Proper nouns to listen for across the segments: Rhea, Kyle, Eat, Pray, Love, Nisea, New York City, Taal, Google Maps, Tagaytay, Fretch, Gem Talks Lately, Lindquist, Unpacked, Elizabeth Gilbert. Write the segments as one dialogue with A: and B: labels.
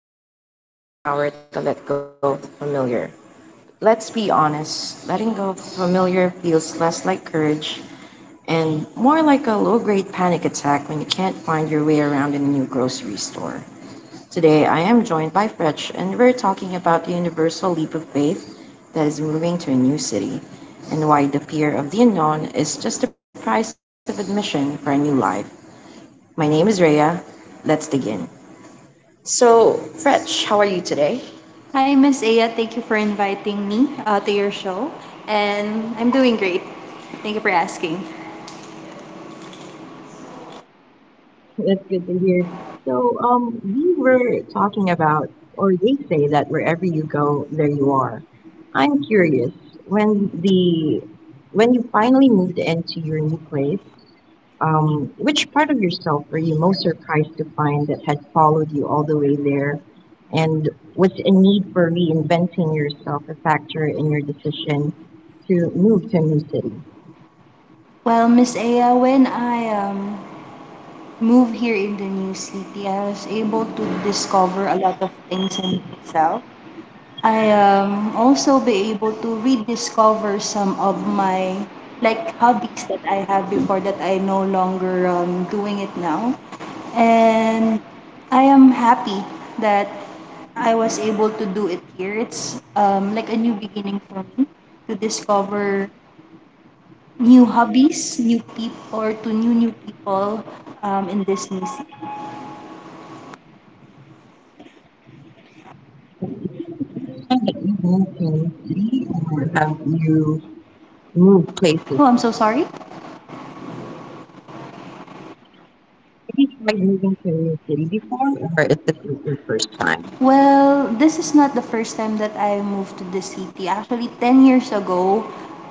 A: Lindquist said that courage is the power to let go of the familiar. Let's be honest, letting go of the familiar feels less like courage and more like a low grade panic attack when you can't find your way around in a new grocery store. Today, I am joined by Fretch, and we're talking about the universal leap of faith that is moving to a new city and why the fear of the unknown is just the price of admission for a new life. My name is Rhea. Let's dig in. So, Fretch, how are you today?
B: Hi, Miss Aya. Thank you for inviting me to your show. And I'm doing great. Thank you for asking.
A: That's good to hear. So, we were talking about, or they say that wherever you go, there you are. I'm curious, when the when you finally moved into your new place, which part of yourself were you most surprised to find that had followed you all the way there? And was a need for reinventing yourself a factor in your decision to move to a new city?
B: Well, Miss Aya, when I moved here in the new city, I was able to discover a lot of things in myself. I also be able to rediscover some of my like hobbies that I have before that I no longer doing it now. And I am happy that I was able to do it here. It's like a new beginning for me to discover new hobbies, new people, or to new people in this new city. Oh, I'm so sorry. Well, this is not the first time that I moved to this city. Actually, 10 years ago,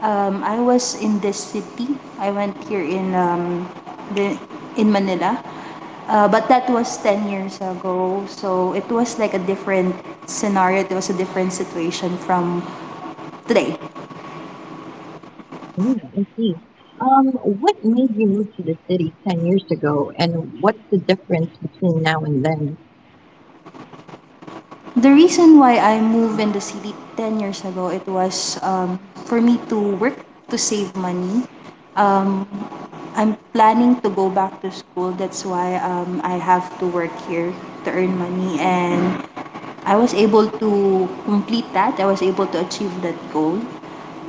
B: I was in this city. I went here in the, in Manila. But that was 10 years ago. So it was like a different scenario. It was a different situation from today. The reason why I moved in the city 10 years ago, it was for me to work to save money. Um, I'm planning to go back to school. That's why I have to work here to earn money. And I was able to complete that. I was able to achieve that goal.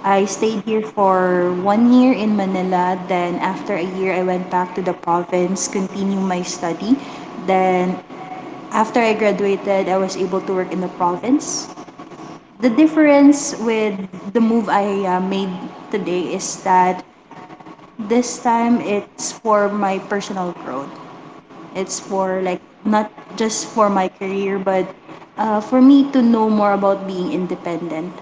B: I stayed here for one year in Manila. Then after a year, I went back to the province, continue my study. Then after I graduated, I was able to work in the province. The difference with the move I made today is that this time it's for my personal growth. It's for like not just for my career, but for me to know more about being independent.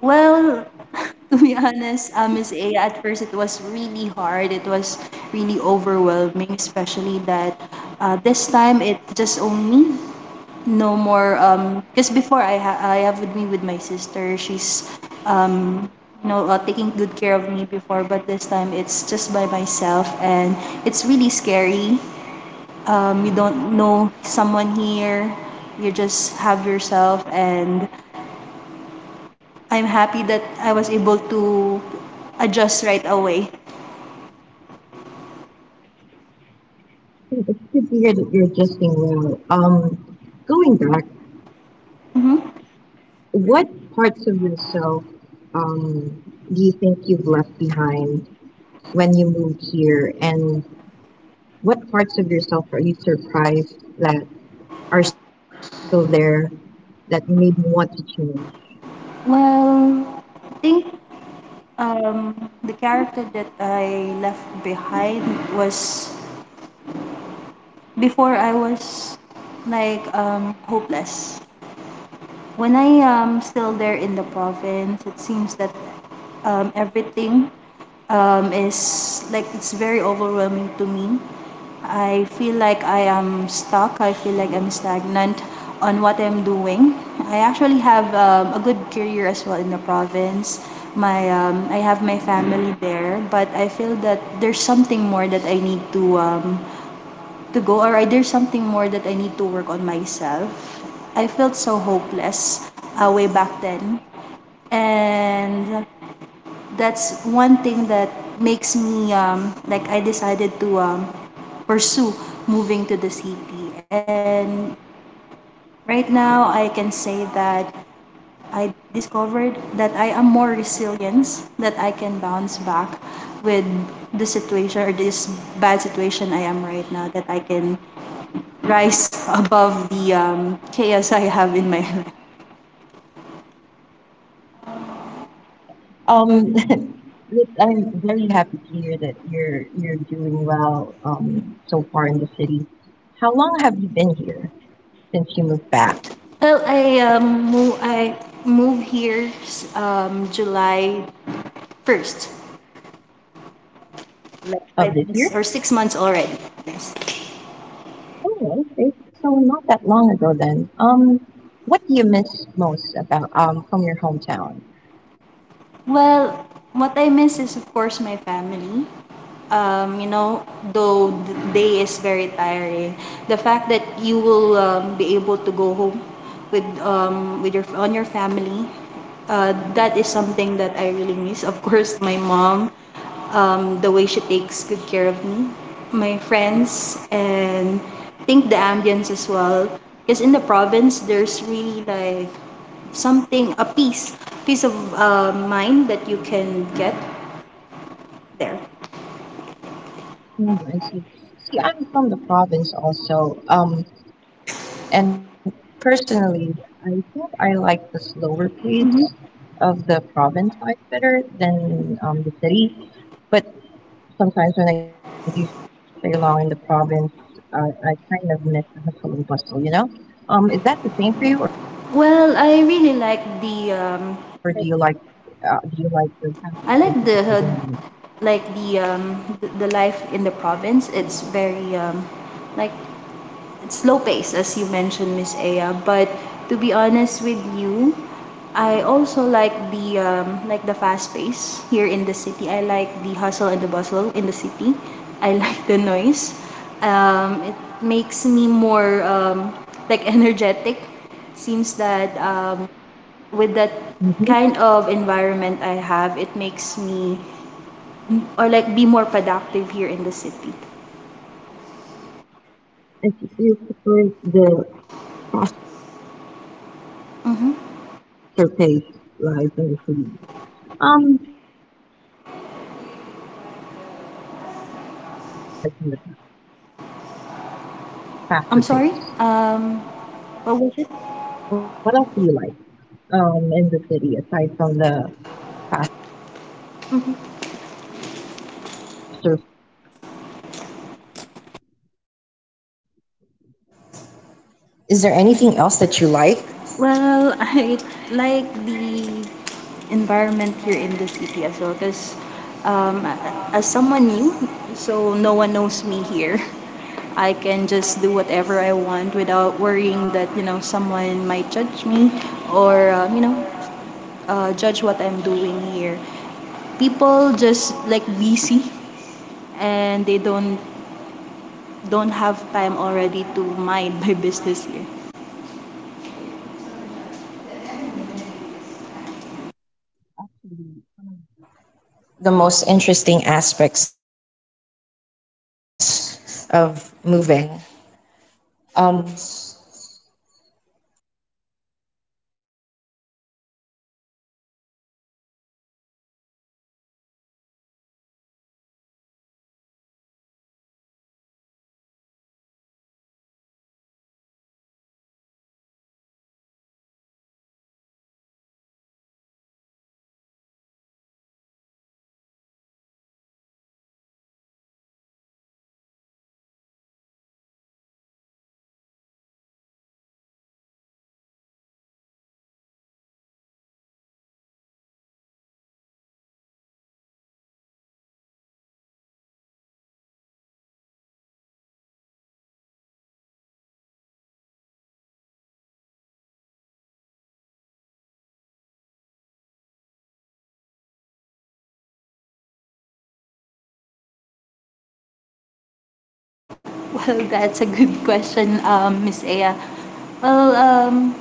B: Well, to be honest, Miss A, at first it was really hard. It was really overwhelming, especially that this time it's just only no more because before I have with me with my sister. She's um taking good care of me before, but this time it's just by myself, and it's really scary. You don't know someone here, you just have yourself, and I'm happy that I was able to adjust right away. hmm well, I think um the character that I left behind was, before I was like hopeless. When I am still there in the province, it seems that everything is like it's very overwhelming to me. I feel like I am stuck. I feel like I'm stagnant on what I'm doing. I actually have a good career as well in the province. My I have my family there, but I feel that there's something more that I need to go, or there's something more that I need to work on myself. I felt so hopeless way back then. And that's one thing that makes me, I decided to pursue moving to the city. And right now, I can say that I discovered that I am more resilient, that I can bounce back with the situation or this bad situation I am right now, that I can rise above the chaos I have in my life. Well, I move here July first, like five months or six months already. Yes. Well, what I miss is of course my family. um, you know, though the day is very tiring, the fact that you will be able to go home with your on your family, that is something that I really miss. Of course, my mom, the way she takes good care of me, my friends, and I think the ambience as well. Because in the province, there's really like something, a peace of mind that you can get there. Well, I really like the I like the hood- like the the life in the province. It's very like it's slow paced, as you mentioned, Miss Aya. But to be honest with you, I also like the fast pace here in the city. I like the hustle and the bustle in the city. I like the noise. It makes me more like energetic. Seems that with that kind of environment I have, it makes me or like be more productive here in the city. Mm-hmm. I'm sorry. Um, what was it? Mhm.
A: Is there anything else that you like?
B: Well, I like the environment here in the city as well because um, as someone new, so no one knows me here. I can just do whatever I want without worrying that, you know, someone might judge me or judge what I'm doing here. People just like busy, and they don't have time already to mind my business here.
A: The most interesting aspects of moving. Um, so as I was say, oh, as I was saying, anonymity is one of one of the more interesting aspects of moving to a new city. It gives you a chance to reinvent yourself um, into someone.
B: Well, that's a good question, Miss Aya. Well,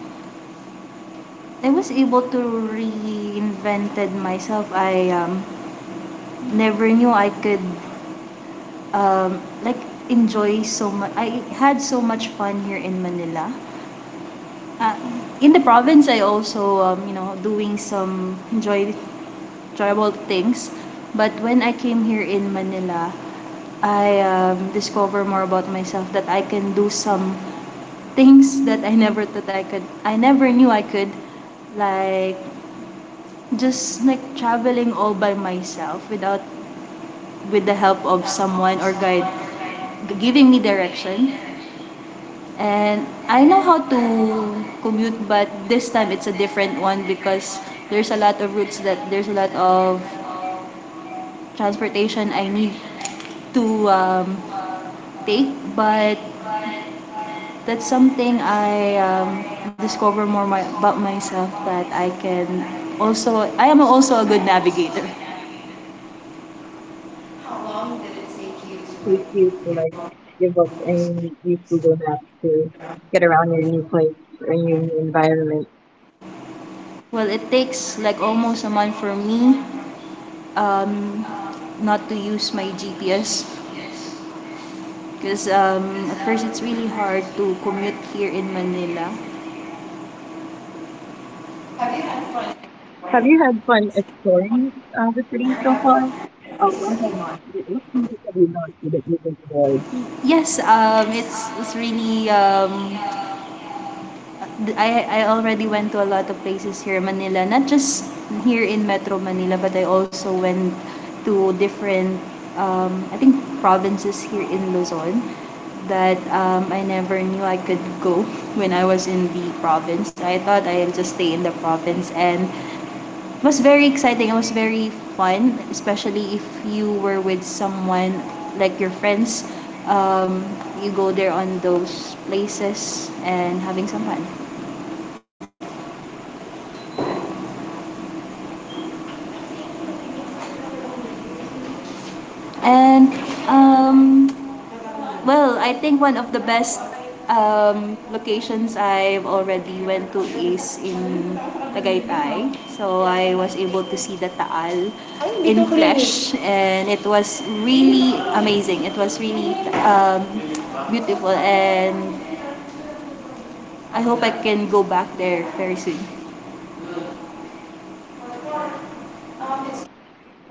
B: I was able to reinvented myself. I never knew I could um, like enjoy so much. I had so much fun here in Manila. Uh, in the province, I also doing some enjoyable things. But when I came here in Manila, I discover more about myself that I can do some things that I never thought I could. I never knew I could, like just like traveling all by myself without with the help of someone or guide giving me direction. And I know how to commute, but this time it's a different one because there's a lot of routes, that there's a lot of transportation I need to take, but that's something I discover about myself, that I can also, I am also a good navigator.
A: How long did it take you to like give up and use Google Maps to get around your new place or your new environment?
B: Well, it takes like almost a month for me um, not to use my GPS because at first it's really hard to commute here in Manila.
A: Have you had fun exploring the city so far? I have, what things have you gone through that you've enjoyed?
B: Yes, it's really I already went to a lot of places here in Manila, not just here in Metro Manila, but I also went to different I think provinces here in Luzon that I never knew I could go when I was in the province. I thought I'd just stay in the province, and it was very exciting. It was very fun, especially if you were with someone like your friends. Um, you go there on those places and having some fun. And um, well, I think one of the best locations I've already went to is in Tagaytay. So I was able to see the Taal in flesh, and it was really amazing. It was really um, beautiful, and I hope I can go back there very soon.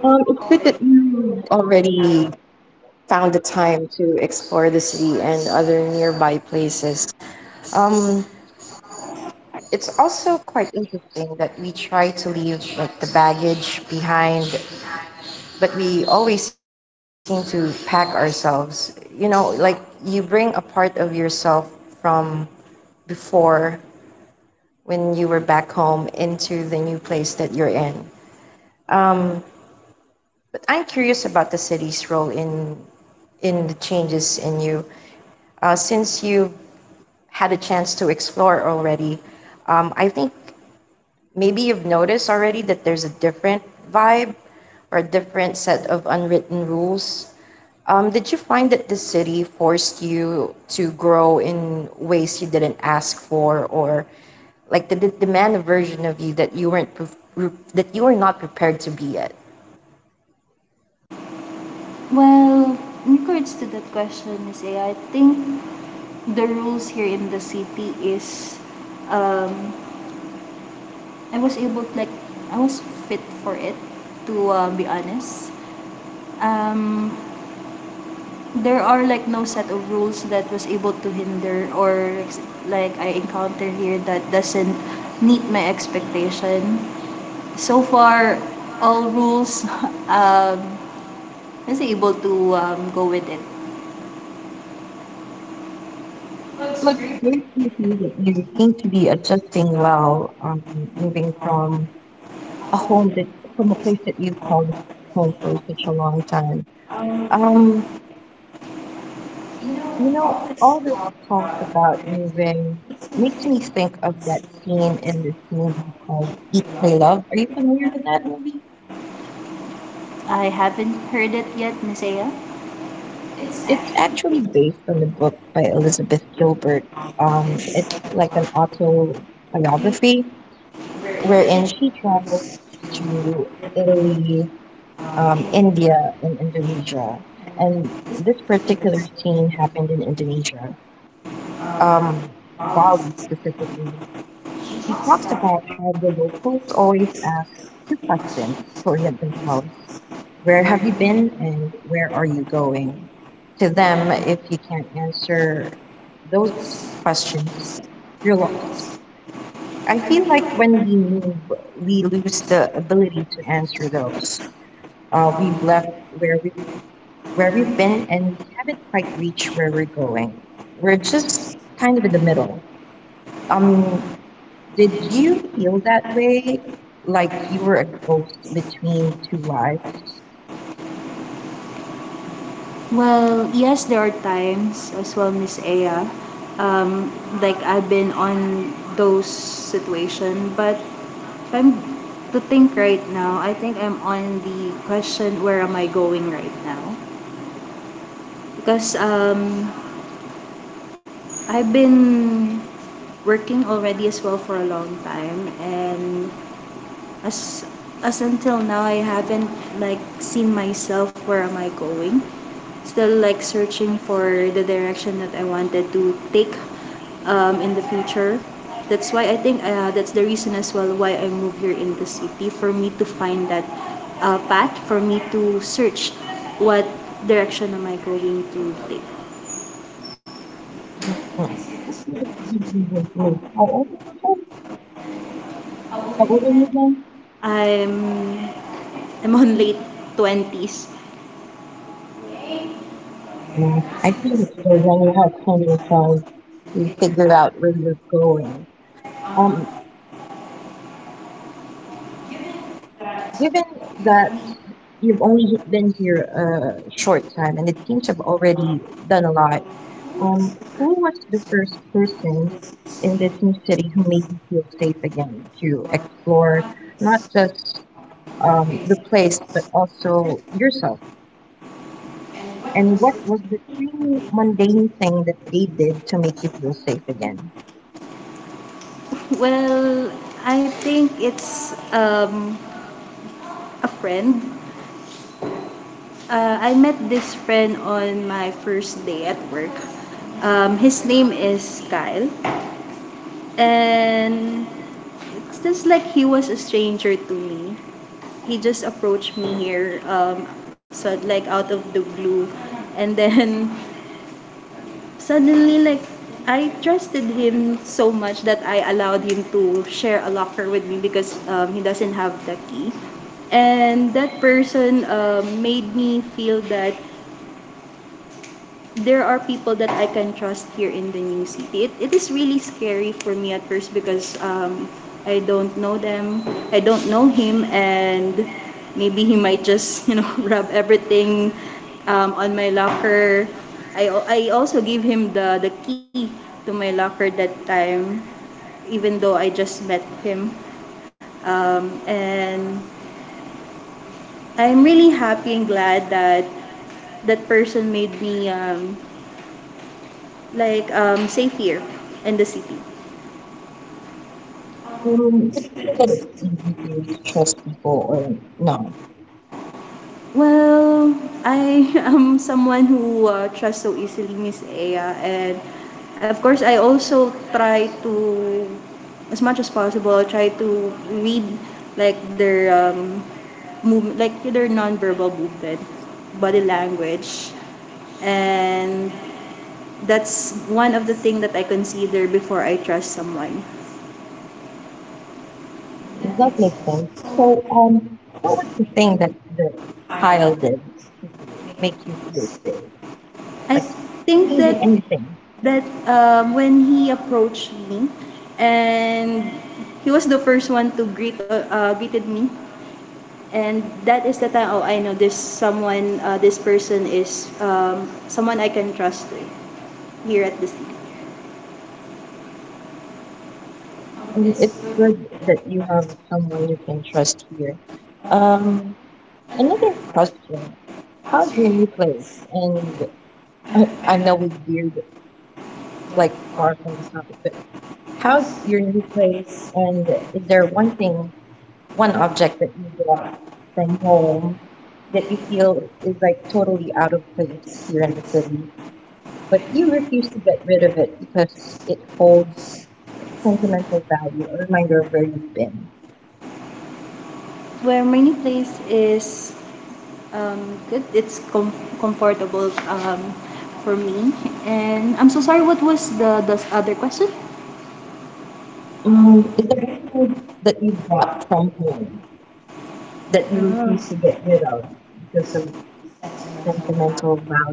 A: It's good that you already found the time to explore the city and other nearby places. Um, it's also quite interesting that we try to leave like the baggage behind, but we always seem to pack ourselves. You know, like you bring a part of yourself from before, when you were back home, into the… But I'm curious about the city's role in the changes in you. Since you have had a chance to explore already, I think maybe you've noticed already that there's a different vibe or a different set of unwritten rules. Did you find that the city forced you to grow in ways you didn't ask for, or like did it demand a version of you that you weren't that you were not prepared to be yet?
B: Well, in regards to that question, Miss A, I think the rules here in the city is um, I was able to, I was fit for it to be honest. Um, there are like no set of rules that was able to hinder or like I encounter here that doesn't meet my expectation. So far, all rules um, I was able to go with it.
A: Look, it's great to hear that you seem to be adjusting well. Moving a home that from a place that you've called home for such a long time. Um, You know, all this talk about moving makes me think of that scene in this movie called Eat, Pray, Love. Are you familiar with that movie?
B: I haven't heard it yet, Masaya.
A: It's actually based on the book by Elizabeth Gilbert. It's like an autobiography wherein she travels to Italy, India, and Indonesia. And this particular scene happened in Indonesia, um, Bali specifically. She talks about how the locals always ask questions toward themselves: where have you been, and where are you going? To them, if you can't answer those questions, you're lost. I feel like when we move, we lose the ability to answer those. We've left where we've been, and we haven't quite reached where we're going. We're just kind of in the middle. Um, Did you feel that way? Like you were a ghost between two lives?
B: Well, yes, there are times as well, Miss Aya. Um, like I've been on those situation, but if I'm to think right now, I think I'm on the question, where am I going right now? Because I've been working already as well for a long time, and as as until now I haven't like seen myself where am I going. Still like searching for the direction that I wanted to take in the future. That's why I think that's the reason as well why I moved here in the city, for me to find that path, for me to search what direction am I going to take.
A: Yeah. How old is your How old are you again?
B: I'm I'm on late twenties.
A: Yeah, I think it's still young enough time yourself to figure out where you're going. Um, given that you've only been here a short time and it seems you've already done a lot, who was the first person this new city who made you feel safe again to explore not just the place, but also yourself? And what was the three mundane thing that they did to make you feel safe again?
B: Well, I think it's a friend. I met this friend on my first day at work. His name is Kyle. And it's just like he was a stranger to me. He just approached me here, so like out of the blue. And then suddenly like I trusted him so much that I allowed him to share a locker with me because he doesn't have the key. And that person made me feel that there are people that I can trust here in the new city. It is really scary for me at first because I don't know them, I don't know him, and maybe he might just, you know, rub everything on my locker. I also give him the key to my locker that time, even though I just met him. And I'm really happy and glad that that person made me safe here in the city?
A: But you think that it's easy to trust people, or no?
B: Well, I am someone who trusts so easily, Miss Aya, and of course, I also try to, as much as possible, try to read like their move, like their nonverbal movement, body language, and that's one of the things that I consider before I trust someone.
A: Does that make sense? So, what was the thing that that Kyle did to make you feel safe?
B: I
A: Like, it
B: think
A: can be
B: that
A: anything.
B: when he approached me and he was the first one to greeted me, and that is the time. Oh, I know there's someone. This person is someone I can trust here at the city.
A: And it's good that you have someone you can trust here. Um, Another question. How do you place? And I, I know we veered like far from the topic, but how's your new place? And is there one thing, one object that you get from home that you feel is like totally out of place here in the city, but you refuse to get rid of it because it holds like sentimental value, a reminder of where you've been?
B: Where my new place is, um, good, comfortable for me. And I'm so sorry, what was the other question?
A: Is there anything that you brought from home that you
B: Uh,
A: refuse to get rid of because of sentimental value,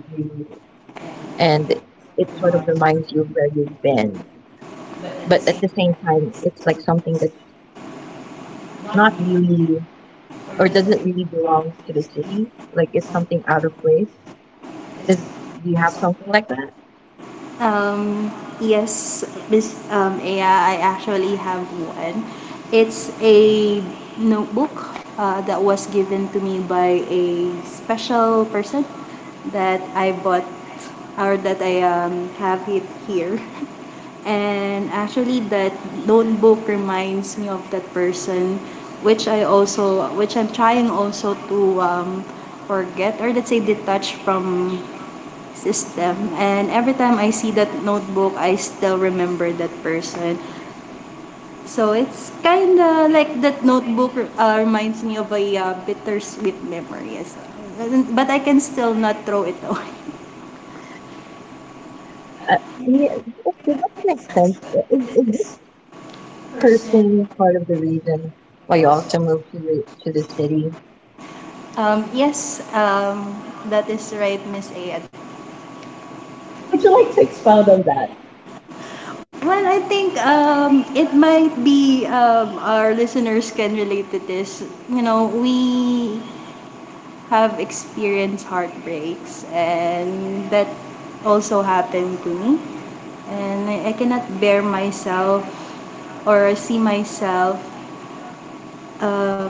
A: and it sort of reminds you of where you've been? But at the same time, it's like something that's not really, or doesn't really belong to the city. Like it's something out of place. Is do you have something like that?
B: Um, yes, Miss Aya, I actually have one. It's a notebook that was given to me by a special person, that I bought or that I have it here. And actually, that notebook reminds me of that person, which I also, which I'm trying also to forget, or let's say detach from system. And every time I see that notebook, I still remember that person. So it's kind of like that notebook reminds me of a bittersweet memory as well. But I can still not throw it away.
A: Yeah, okay, that makes sense. Is this person part of the reason why you also moved to the city?
B: Yes, that is right, Miss A.
A: Would you like to expound on that?
B: Well, I think it might be, our listeners can relate to this. You know, we have experienced heartbreaks, and that also happened to me. And I cannot bear myself or see myself, um,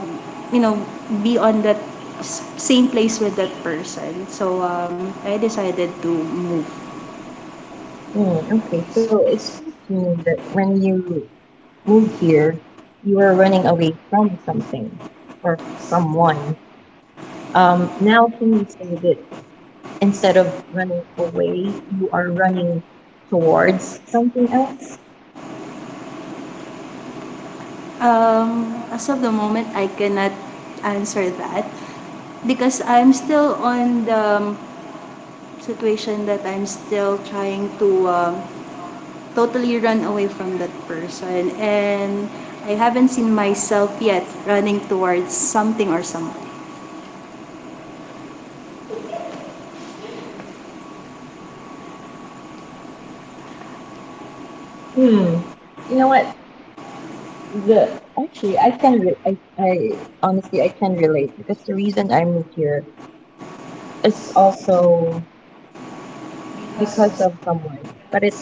B: you know, be on that same place with that person. So I decided to move.
A: Hmm, okay, so it seems to me that when you move here, you are running away from something or someone. Now can you say that instead of running away, you are running towards something else?
B: As of the moment, I cannot answer that because I'm still on the um, situation, that I'm still trying to totally run away from that person. And I haven't seen myself yet running towards something or someone.
A: Hmm. You know what? Yeah, actually, I can. I honestly, I can relate because the reason I moved here is also because of someone. But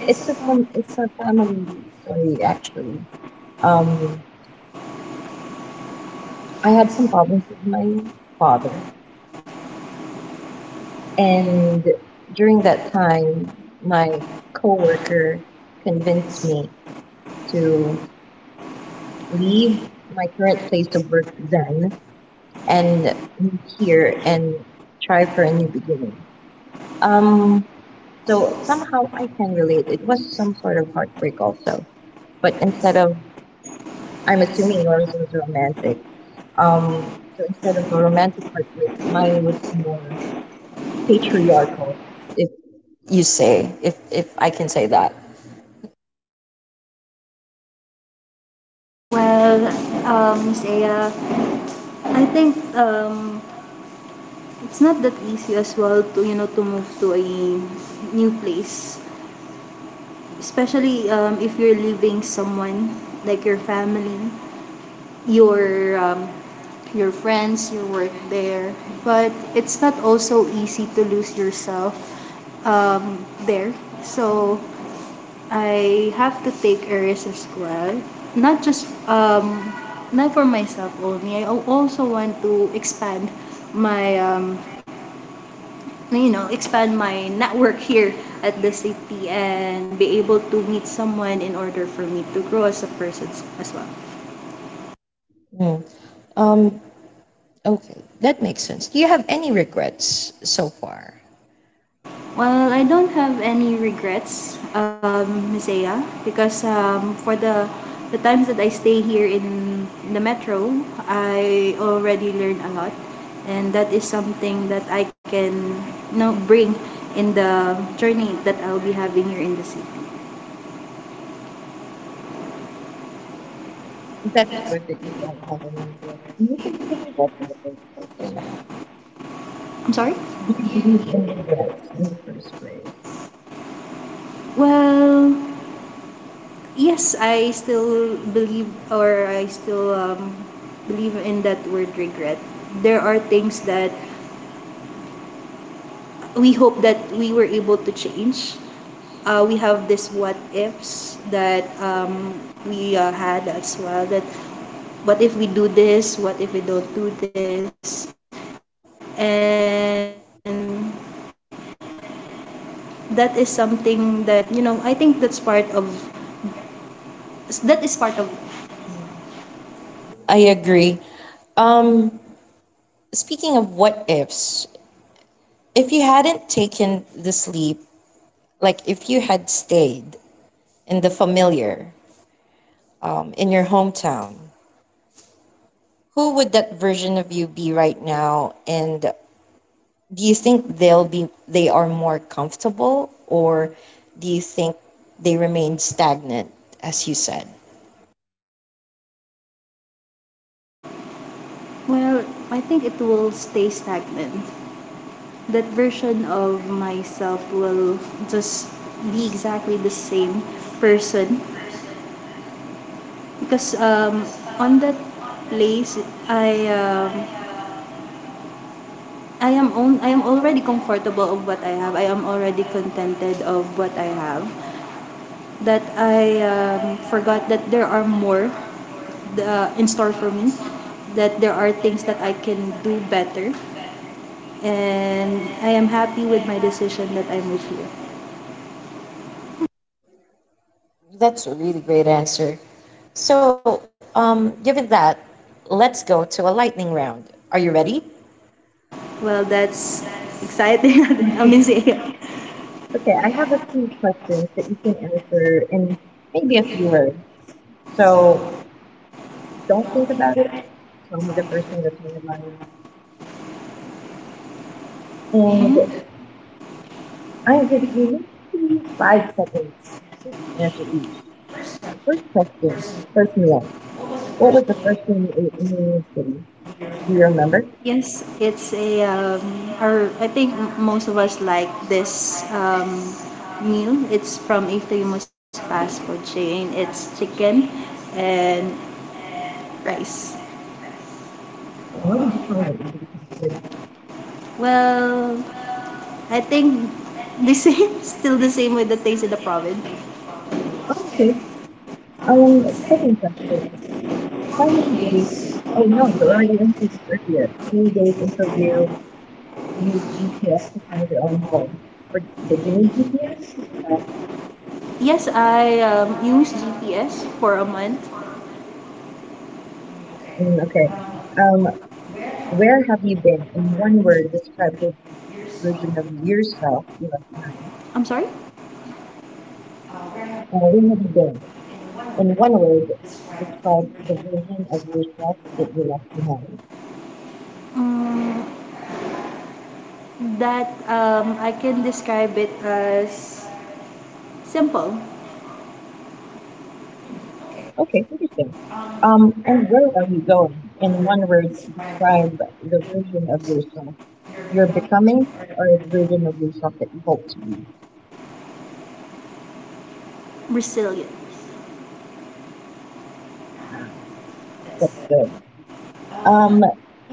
A: it's a fun. It's a family story, actually. Um, I had some problems with my father. And during that time, my coworker convinced me to leave my current place of work then and move here and try for a new beginning. Um, so somehow I can relate. It was some sort of heartbreak also, but instead of… I'm assuming yours was romantic. So instead of a romantic heartbreak, mine was more patriarchal, if you say, if I can say that.
B: Well, Saya, I think it's not that easy as well to, you know, to move to a new place. Especially if you're leaving someone, like your family, your um, your friends, your work there. But it's not also easy to lose yourself there. So I have to take a risk as well. Not just not for myself only. I also want to expand my you know, expand my network here at the city and be able to meet someone in order for me to grow as a person as well.
A: Hmm. Um, okay, that makes sense. Do you have any regrets so far?
B: Well, I don't have any regrets, Miss Aya, because for the times that I stay here in the metro, I already learned a lot, and that is something that I can, you know, bring in the journey that I'll be having here in the city.
A: That's good that you don't have any regrets. Do you believe in regrets in the first place, or no?
B: I'm sorry.
A: Do you believe in regrets in the first place?
B: Well, yes, I still believe, or I still believe in that word, regret. There are things that we hope that we were able to change. We have this what ifs that we had as well, that what if we do this, what if we don't do this. And that is something that, you know, I think that's part of. that is part of
A: I agree. Um, Speaking of what ifs, if you hadn't taken this leap, like if you had stayed in the familiar, in your hometown, who would that version of you be right now? And do you think they are more comfortable, or do you think they remain stagnant, as you said?
B: well, I think it will stay stagnant. That version of myself will just be exactly the same person, because on that place, i um, I am own. I am already comfortable of what I have. I am already contented of what I have. That I forgot that there are more in store for me. That there are things that I can do better, and I am happy with my decision that I moved here.
A: That's a really great answer. So, um, given that, let's go to a lightning round. Are you ready?
B: Well, that's exciting. I, amazing.
A: Okay, I have a few questions that you can answer in maybe a few words. So don't think about it. Tell me the first thing that's on your mind. And I'm going to give you maybe 5 seconds to answer each. The first question: first meal. What was the first thing you ate in New York City? Do you remember?
B: Yes, it's a or I think most of us like this meal. It's from a famous fast food chain. It's chicken and rice.
A: But why did you find it you became free?
B: Well, I think the same, still the same with the taste in the province.
A: Oh, okay. Um, Second question. How many days? Oh no, you already answered this earlier. How many days until you used GPS to find your own home? Or did you need GPS to do that?
B: Yes, I used GPS for a month.
A: Mm, okay. Um, where have you been? In one word, describe the version of yourself you left behind.
B: I'm sorry.
A: Where have you been? In one word, describe the version of yourself that you left behind.
B: Mm, that I can describe it as simple,
A: Mm, okay, interesting. And where are you going? In one word, describe the version of yourself you're becoming, or the version of yourself that you hope to be.
B: resilient.
A: That's good. Um,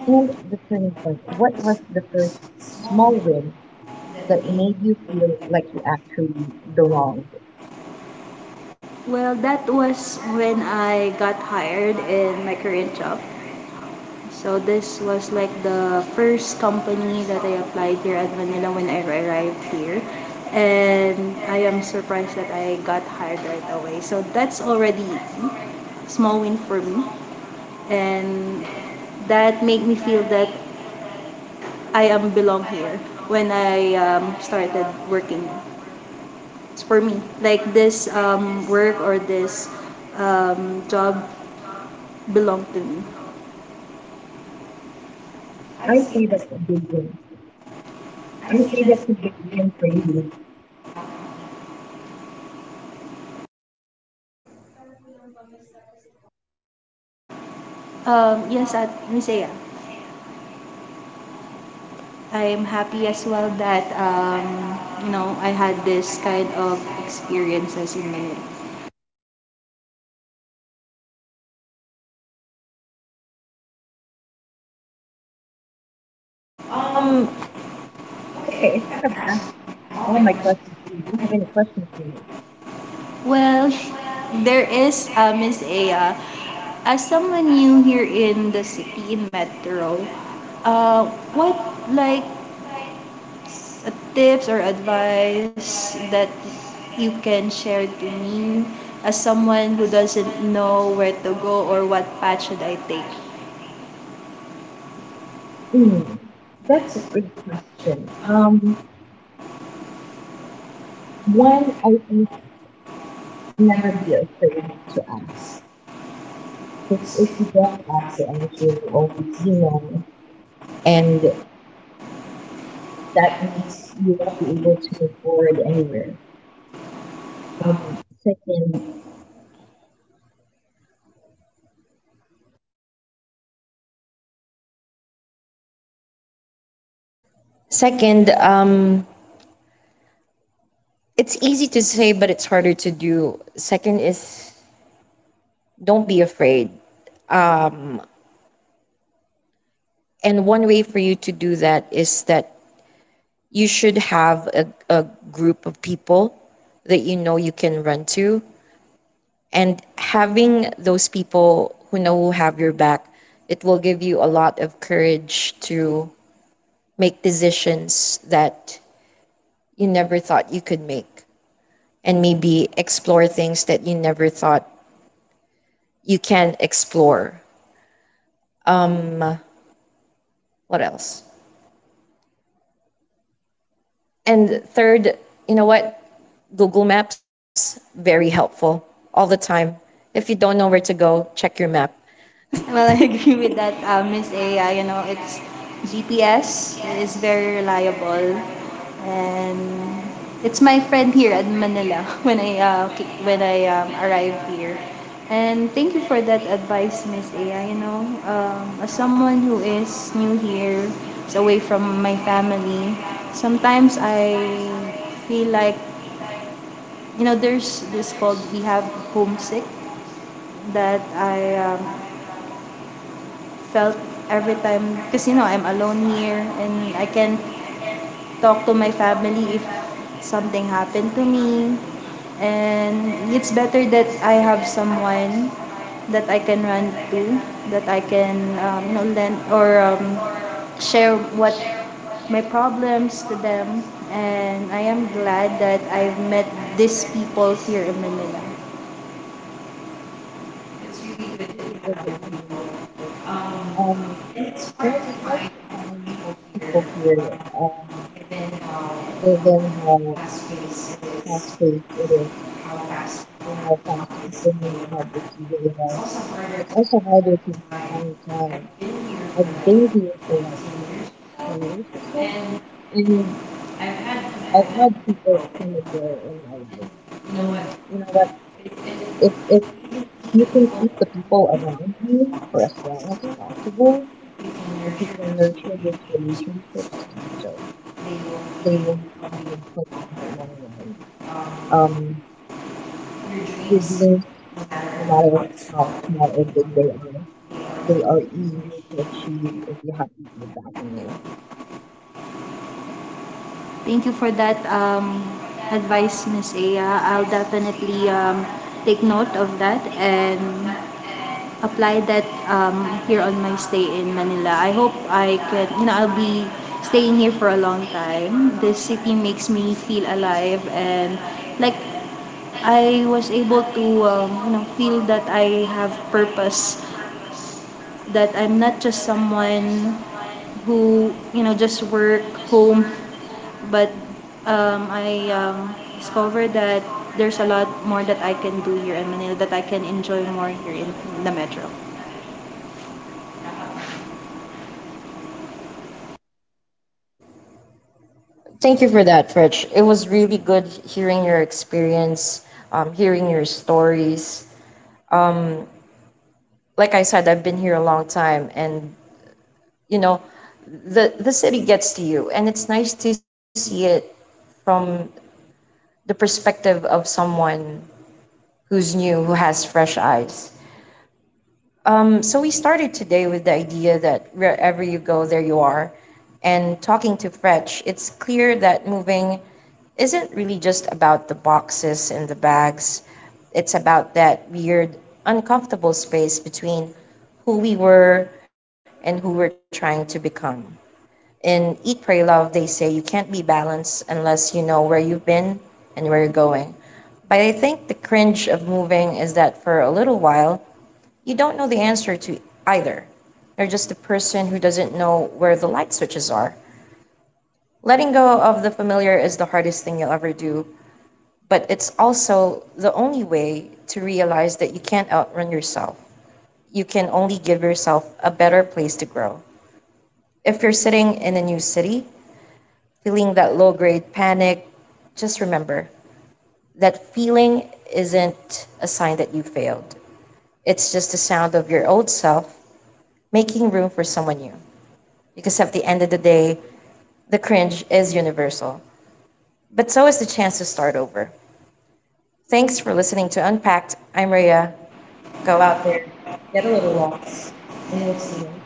A: and the turning point. What was the first small win that made you feel like you actually belong?
B: Well, that was when I got hired in my current job. So this was like the first company that I applied here at Manila when I arrived here. And I am surprised that I got hired right away. So that's already a small win for me. And that made me feel that I am belong here when I started working. It's for me. Like this work or this job belong to me.
A: I say that's a big win. I say that's a big win for you.
B: Yes, at Nisea, I am happy as well that, you know, I had this kind of experiences in my life.
A: Um, okay, I think that's all my questions for you. Do you have any questions for me?
B: Well, there is, Miss Aya. As someone new here in the city in Metro, uh, what like tips or advice that you can share to me, as someone who doesn't know where to go or what path should I take?
A: Mm, that's a good question. One, I think, never be afraid to ask. If you don't ask for anything, or you know, and that means you won't be able to move forward anywhere. Um, second, Second, it's easy to say, but it's harder to do. Second is, don't be afraid. Um, and one way for you to do that is that you should have a group of people that you know you can run to. And having those people who have your back, it will give you a lot of courage to make decisions that you never thought you could make, and maybe explore things that you never thought you can explore. Um, what else? And third, you know what? Google Maps, very helpful all the time. If you don't know where to go, check your map.
B: Well, I agree with that, Miss A. I. You know, it's GPS is very reliable, and it's my friend here at Manila when I when I arrive here. And thank you for that advice, Miss A. I. You know, as someone who is new here, is away from my family, sometimes I feel like, you know, there's this called we have homesick, that I felt every time, because you know, I'm alone here and I can talk to my family if something happened to me. And it's better that I have someone that I can run to, that I can you know, lend or share what my problems to them. And I am glad that I've met these people here in Manila.
A: It's really good that you have your people. Um, and it's hard to find people here, given how fast paced it is, how fast people move, how busy they are. It's also harder to find time. I've been here for like 10 years or so, and I've had people come and go in my life. And you know what? If you can keep the people around you for as long as possible, if you can nurture those relationships, do so. They will be will in the long run. Um, your dreams, no matter how small or big they are easier to achieve if you have people backing you.
B: Thank you for that advice, Miss Aya. I'll definitely take note of that and apply that here on my stay in Manila. I hope I can, you know, I'll be staying here for a long time. This city makes me feel alive, and like I was able to, you know, feel that I have purpose, that I'm not just someone who, you know, just work home, but I discovered that there's a lot more that I can do here in Manila, that I can enjoy more here in the metro.
A: Thank you for that, Fritch. It was really good hearing your experience, hearing your stories. Like I said, I've been here a long time, and you know, the city gets to you, and it's nice to see it from the perspective of someone who's new, who has fresh eyes. So we started today with the idea that wherever you go, there you are. And talking to Fretch, it's clear that moving isn't really just about the boxes and the bags. It's about that weird, uncomfortable space between who we were and who we're trying to become. In Eat, Pray, Love, they say you can't be balanced unless you know where you've been and where you're going. But I think the cringe of moving is that for a little while, you don't know the answer to either. You're just person who doesn't know where the light switches are. Letting go of the familiar is the hardest thing you'll ever do, but it's also the only way to realize that you can't outrun yourself. You can only give yourself a better place to grow. If you're sitting in a new city, feeling that low grade panic, just remember that feeling a sign that you failed. It's just a sound of your old self making room for someone new. Because at the end of the day, the cringe is universal. But so is the chance to start over. Thanks for listening to Unpacked. I'm Rhea. Go out there, get a little lost, and we'll see you.